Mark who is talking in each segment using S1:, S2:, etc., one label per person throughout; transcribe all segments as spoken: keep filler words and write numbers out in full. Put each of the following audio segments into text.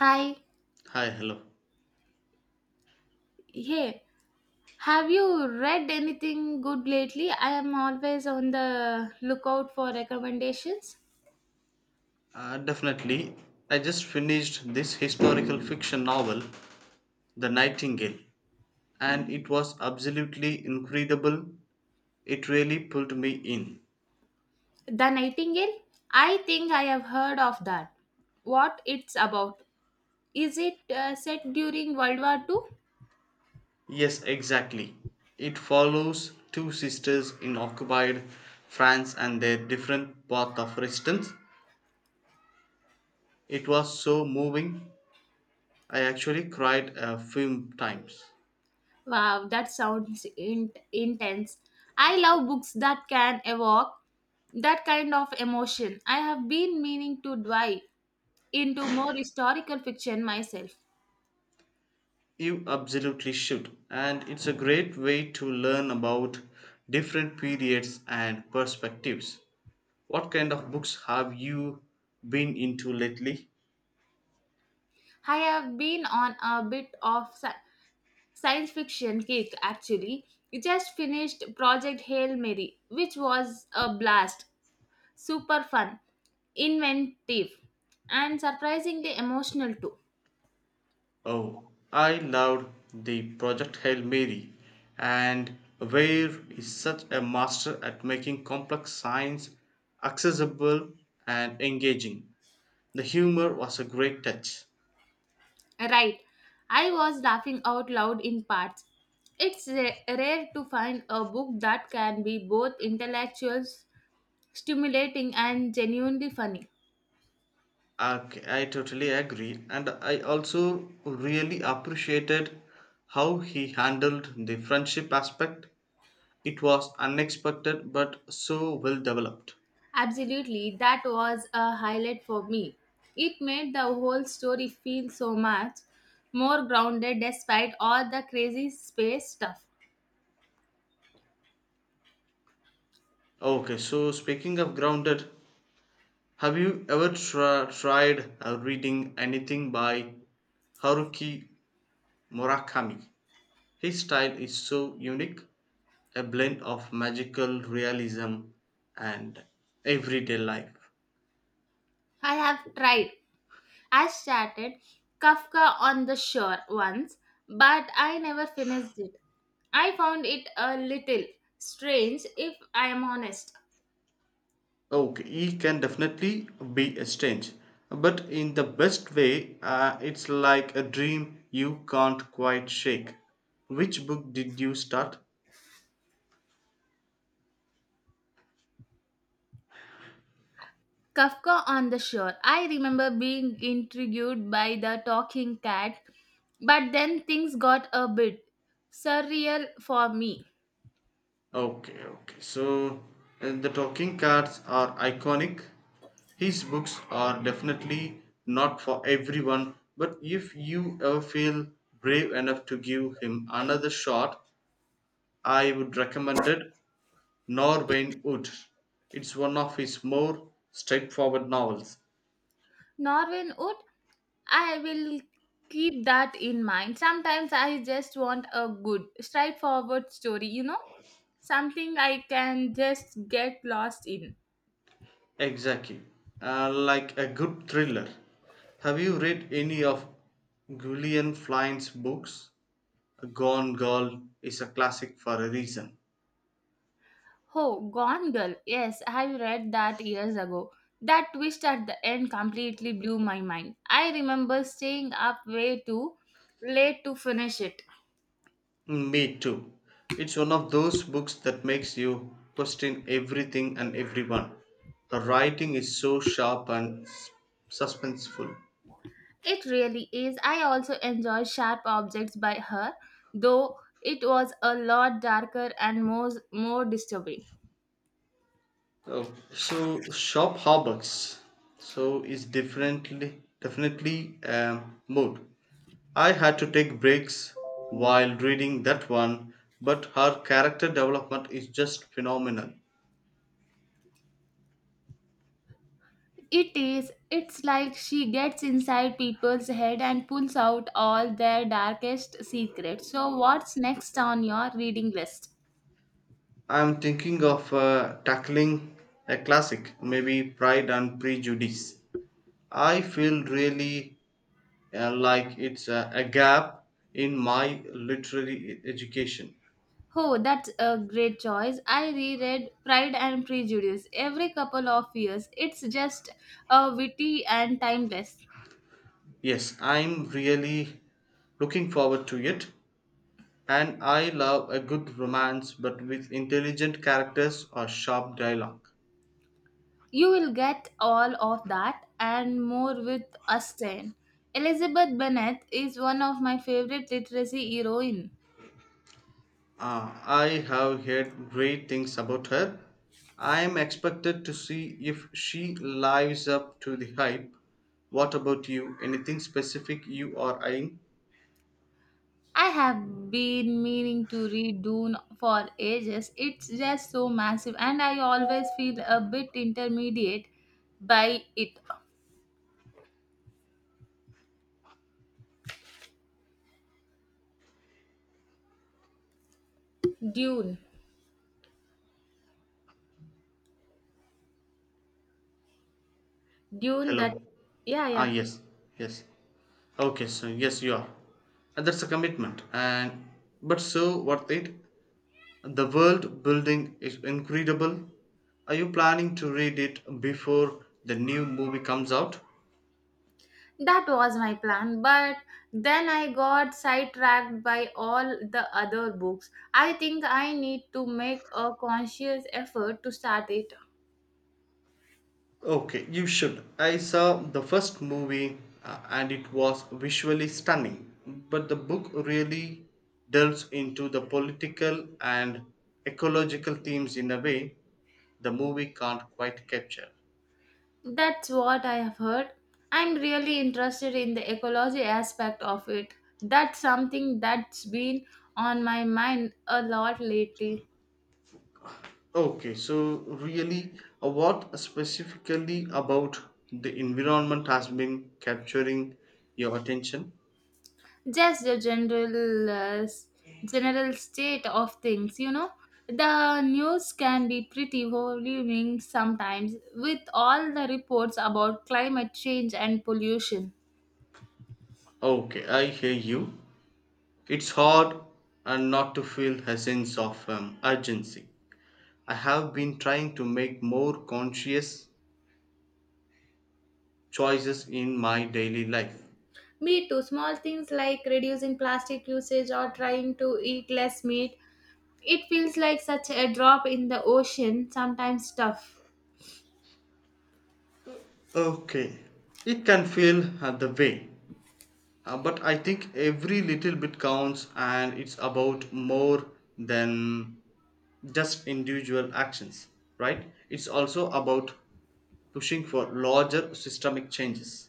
S1: Hi,
S2: Hi, hello.
S1: hey, have you read anything good lately? I am always on the lookout for recommendations.
S2: Uh, definitely. I just finished this historical fiction novel, The Nightingale, and it was absolutely incredible. It really pulled me in.
S1: The Nightingale? I think I have heard of that. What it's about? Is it uh, set during World War Two?
S2: Yes, exactly. It follows two sisters in occupied France and their different path of resistance. It was so moving. I actually cried a few times.
S1: Wow, that sounds in- intense. I love books that can evoke that kind of emotion. I have been meaning to dive into more historical fiction myself.
S2: You absolutely should. And it's a great way to learn about different periods and perspectives. What kind of books have you been into lately?
S1: I have been on a bit of sci- science fiction kick actually. I just finished Project Hail Mary, which was a blast. Super fun, inventive, and surprisingly emotional too.
S2: Oh, I loved the Project Hail Mary, and Ware is such a master at making complex science accessible and engaging. The humor was a great touch.
S1: Right, I was laughing out loud in parts. It's ra- rare to find a book that can be both intellectual, stimulating, and genuinely funny.
S2: Okay, I totally agree. And I also really appreciated how he handled the friendship aspect. It was unexpected but so well developed.
S1: Absolutely, that was a highlight for me. It made the whole story feel so much more grounded despite all the crazy space stuff.
S2: Okay, so speaking of grounded, have you ever tra- tried uh, reading anything by Haruki Murakami? His style is so unique, a blend of magical realism and everyday life.
S1: I have tried. I started Kafka on the Shore once, but I never finished it. I found it a little strange if I am honest.
S2: Okay, it can definitely be a strange, but in the best way, uh, it's like a dream you can't quite shake. Which book did you start?
S1: Kafka on the Shore. I remember being intrigued by the talking cat, but then things got a bit surreal for me.
S2: Okay, okay. So uh, the talking cards are iconic. His books are definitely not for everyone, but if you ever feel brave enough to give him another shot, I would recommend it. Nor Wayne Wood. It's one of his more straightforward novels.
S1: Norwin Wood, I will keep that in mind. Sometimes I just want a good, straightforward story, you know, something I can just get lost in.
S2: Exactly. Uh, like a good thriller. Have you read any of Gillian Flynn's books? Gone Girl is a classic for a reason.
S1: Oh, Gone Girl. Yes, I read that years ago. That twist at the end completely blew my mind. I remember staying up way too late to finish it.
S2: Me too. It's one of those books that makes you question everything and everyone. The writing is so sharp and s- suspenseful.
S1: It really is. I also enjoy Sharp Objects by her, though it was a lot darker and more, more disturbing.
S2: Oh, so shop harbors. So it's definitely definitely um, mood. I had to take breaks while reading that one, but her character development is just phenomenal.
S1: It is. It's like she gets inside people's head and pulls out all their darkest secrets. So, what's next on your reading list?
S2: I'm thinking of uh, tackling a classic, maybe Pride and Prejudice. I feel really uh, like it's uh, a gap in my literary e- education.
S1: Oh, that's a great choice. I reread Pride and Prejudice every couple of years. It's just a witty and timeless.
S2: Yes, I'm really looking forward to it. And I love a good romance but with intelligent characters or sharp dialogue.
S1: You will get all of that and more with Austen. Elizabeth Bennet is one of my favorite literacy heroine.
S2: Ah, I have heard great things about her. I am expected to see if she lives up to the hype. What about you? Anything specific you are eyeing?
S1: I have been meaning to read Dune for ages. It's just so massive and I always feel a bit intermediate by it. Dune. Dune that
S2: Hello.
S1: yeah,
S2: Ah,
S1: yeah.
S2: yes, yes. Okay, so yes, you are. And that's a commitment, and but so worth it. The world building is incredible. Are you planning to read it before the new movie comes out?
S1: That was my plan, but then I got sidetracked by all the other books. I think I need to make a conscious effort to start it.
S2: Okay, you should. I saw the first movie uh, and it was visually stunning, but the book really delves into the political and ecological themes in a way the movie can't quite capture.
S1: That's what I have heard. I'm really interested in the ecology aspect of it. That's something that's been on my mind a lot lately.
S2: Okay, so really, uh, what specifically about the environment has been capturing your attention?
S1: Just the general uh, s- general state of things, you know, the news can be pretty overwhelming sometimes with all the reports about climate change and pollution.
S2: Okay, I hear you. It's hard and not to feel a sense of um, urgency. I have been trying to make more conscious choices in my daily life.
S1: Me too, small things like reducing plastic usage or trying to eat less meat, it feels like such a drop in the ocean sometimes tough.
S2: Okay, it can feel uh, the way. Uh, but I think every little bit counts, and it's about more than just individual actions, right? It's also about pushing for larger systemic changes.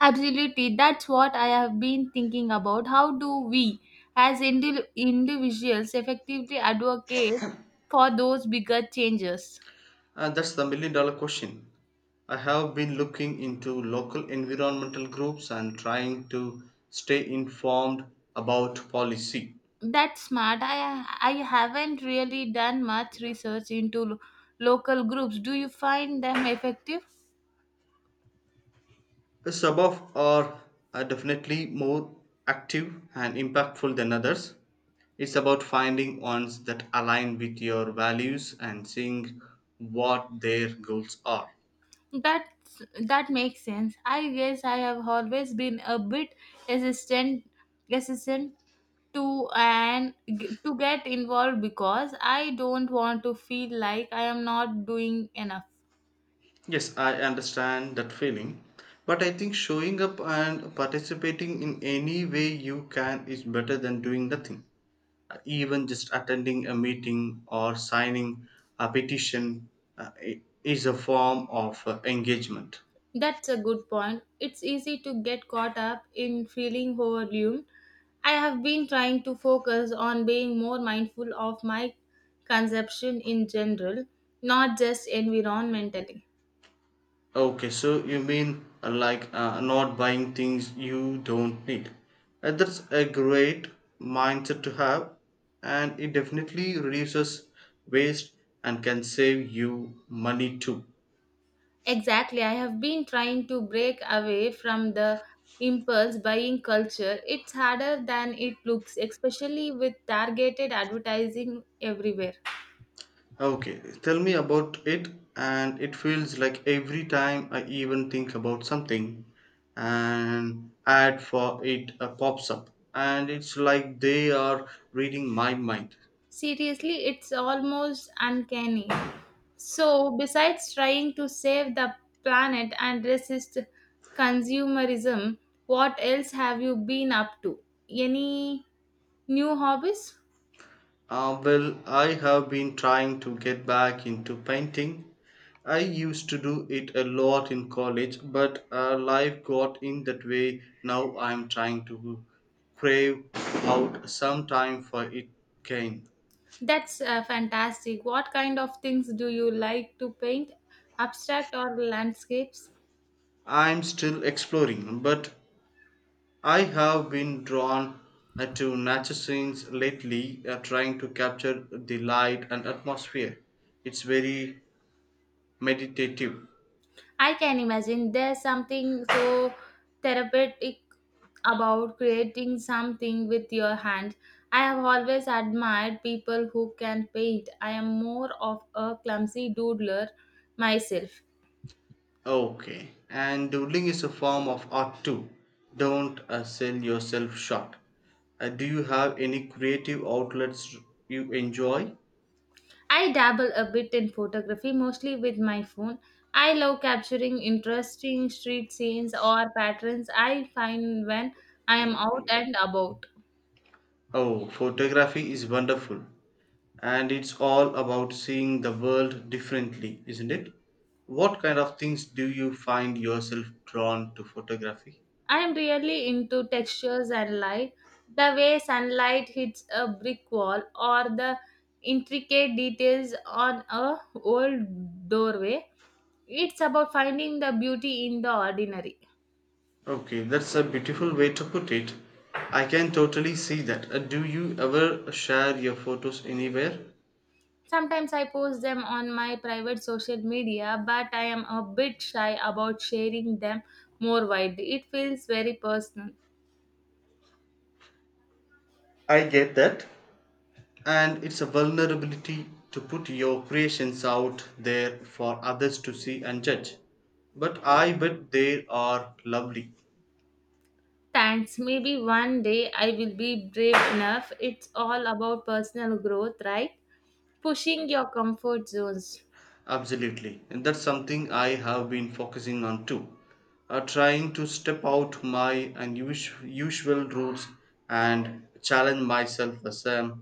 S1: Absolutely, that's what I have been thinking about. How do we, as indi- individuals, effectively advocate for those bigger changes?
S2: And that's the million dollar question. I have been looking into local environmental groups and trying to stay informed about policy.
S1: That's smart. I I haven't really done much research into lo- local groups. Do you find them effective?
S2: Some of are are definitely more active and impactful than others. It's about finding ones that align with your values and seeing what their goals are.
S1: That that makes sense. I guess I have always been a bit resistant, resistant to and g- to get involved because I don't want to feel like I am not doing enough.
S2: Yes, I understand that feeling. But I think showing up and participating in any way you can is better than doing nothing. Uh, Even just attending a meeting or signing a petition uh, i- is a form of uh, engagement.
S1: That's a good point, it's easy to get caught up in feeling overwhelmed. I have been trying to focus on being more mindful of my consumption in general, not just environmentally.
S2: Okay, so you mean uh, like uh, not buying things you don't need. Uh, that's a great mindset to have, and it definitely reduces waste and can save you money too.
S1: Exactly. I have been trying to break away from the impulse buying culture. It's harder than it looks, especially with targeted advertising everywhere.
S2: Okay, tell me about it, and it feels like every time I even think about something, an ad for it uh, pops up, and it's like they are reading my mind.
S1: Seriously, it's almost uncanny. So, besides trying to save the planet and resist consumerism, what else have you been up to? Any new hobbies?
S2: Uh, well, I have been trying to get back into painting. I used to do it a lot in college, but uh, life got in that way. Now I'm trying to crave out some time for it again.
S1: That's uh, fantastic. What kind of things do you like to paint? Abstract or landscapes?
S2: I'm still exploring, but I have been drawn uh, to nature scenes lately, uh, trying to capture the light and atmosphere. It's very meditative.
S1: I can imagine there's something so therapeutic about creating something with your hand. I have always admired people who can paint. I am more of a clumsy doodler myself.
S2: Okay, and doodling is a form of art too. Don't uh, sell yourself short. Uh, do you have any creative outlets you enjoy?
S1: I dabble a bit in photography, mostly with my phone. I love capturing interesting street scenes or patterns I find when I am out and about.
S2: Oh, photography is wonderful, and it's all about seeing the world differently, isn't it? What kind of things do you find yourself drawn to photography?
S1: I am really into textures and light, the way sunlight hits a brick wall, or the intricate details on a old doorway. It's about finding the beauty in the ordinary.
S2: Okay, that's a beautiful way to put it. I can totally see that. Uh, Do you ever share your photos anywhere?
S1: Sometimes I post them on my private social media, but I am a bit shy about sharing them more widely. It feels very personal.
S2: I get that. And it's a vulnerability to put your creations out there for others to see and judge. But I bet they are lovely.
S1: Thanks. Maybe one day I will be brave enough. It's all about personal growth, right? Pushing your comfort zones.
S2: Absolutely. And that's something I have been focusing on too. Uh, trying to step out my unusual usual routes and challenge myself as a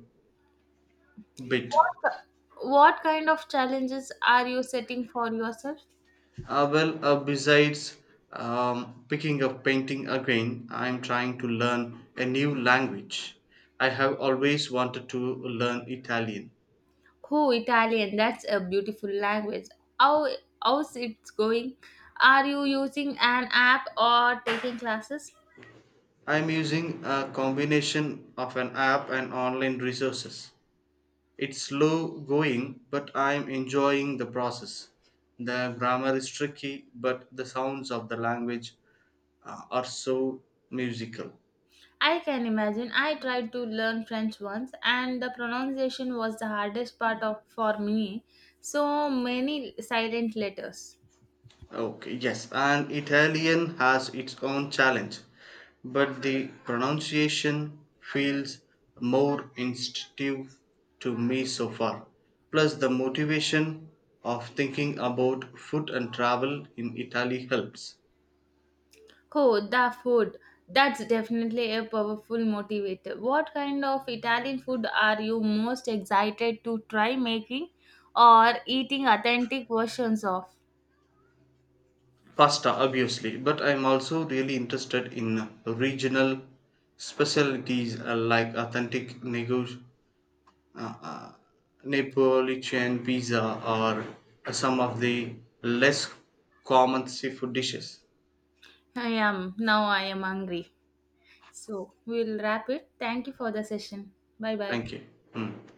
S2: bit.
S1: What, what kind of challenges are you setting for yourself?
S2: Uh, well, uh, besides um, picking up painting again, I'm trying to learn a new language. I have always wanted to learn Italian.
S1: Oh, Italian, that's a beautiful language. How, how's it going? Are you using an app or taking classes?
S2: I'm using a combination of an app and online resources. It's slow going, but I'm enjoying the process. The grammar is tricky, but the sounds of the language uh, are so musical.
S1: I can imagine. I tried to learn French once, and the pronunciation was the hardest part of for me. So many silent letters.
S2: Okay, yes, and Italian has its own challenge, but the pronunciation feels more instinctive to me so far. Plus, the motivation of thinking about food and travel in Italy helps.
S1: Oh, the food. That's definitely a powerful motivator. What kind of Italian food are you most excited to try making or eating authentic versions of?
S2: Pasta, obviously, but I'm also really interested in regional specialties uh, like authentic nego- uh, uh, Neapolitan pizza or uh, some of the less common seafood dishes.
S1: I am. Now I am hungry. So we'll wrap it. Thank you for the session. Bye bye.
S2: Thank you. Mm.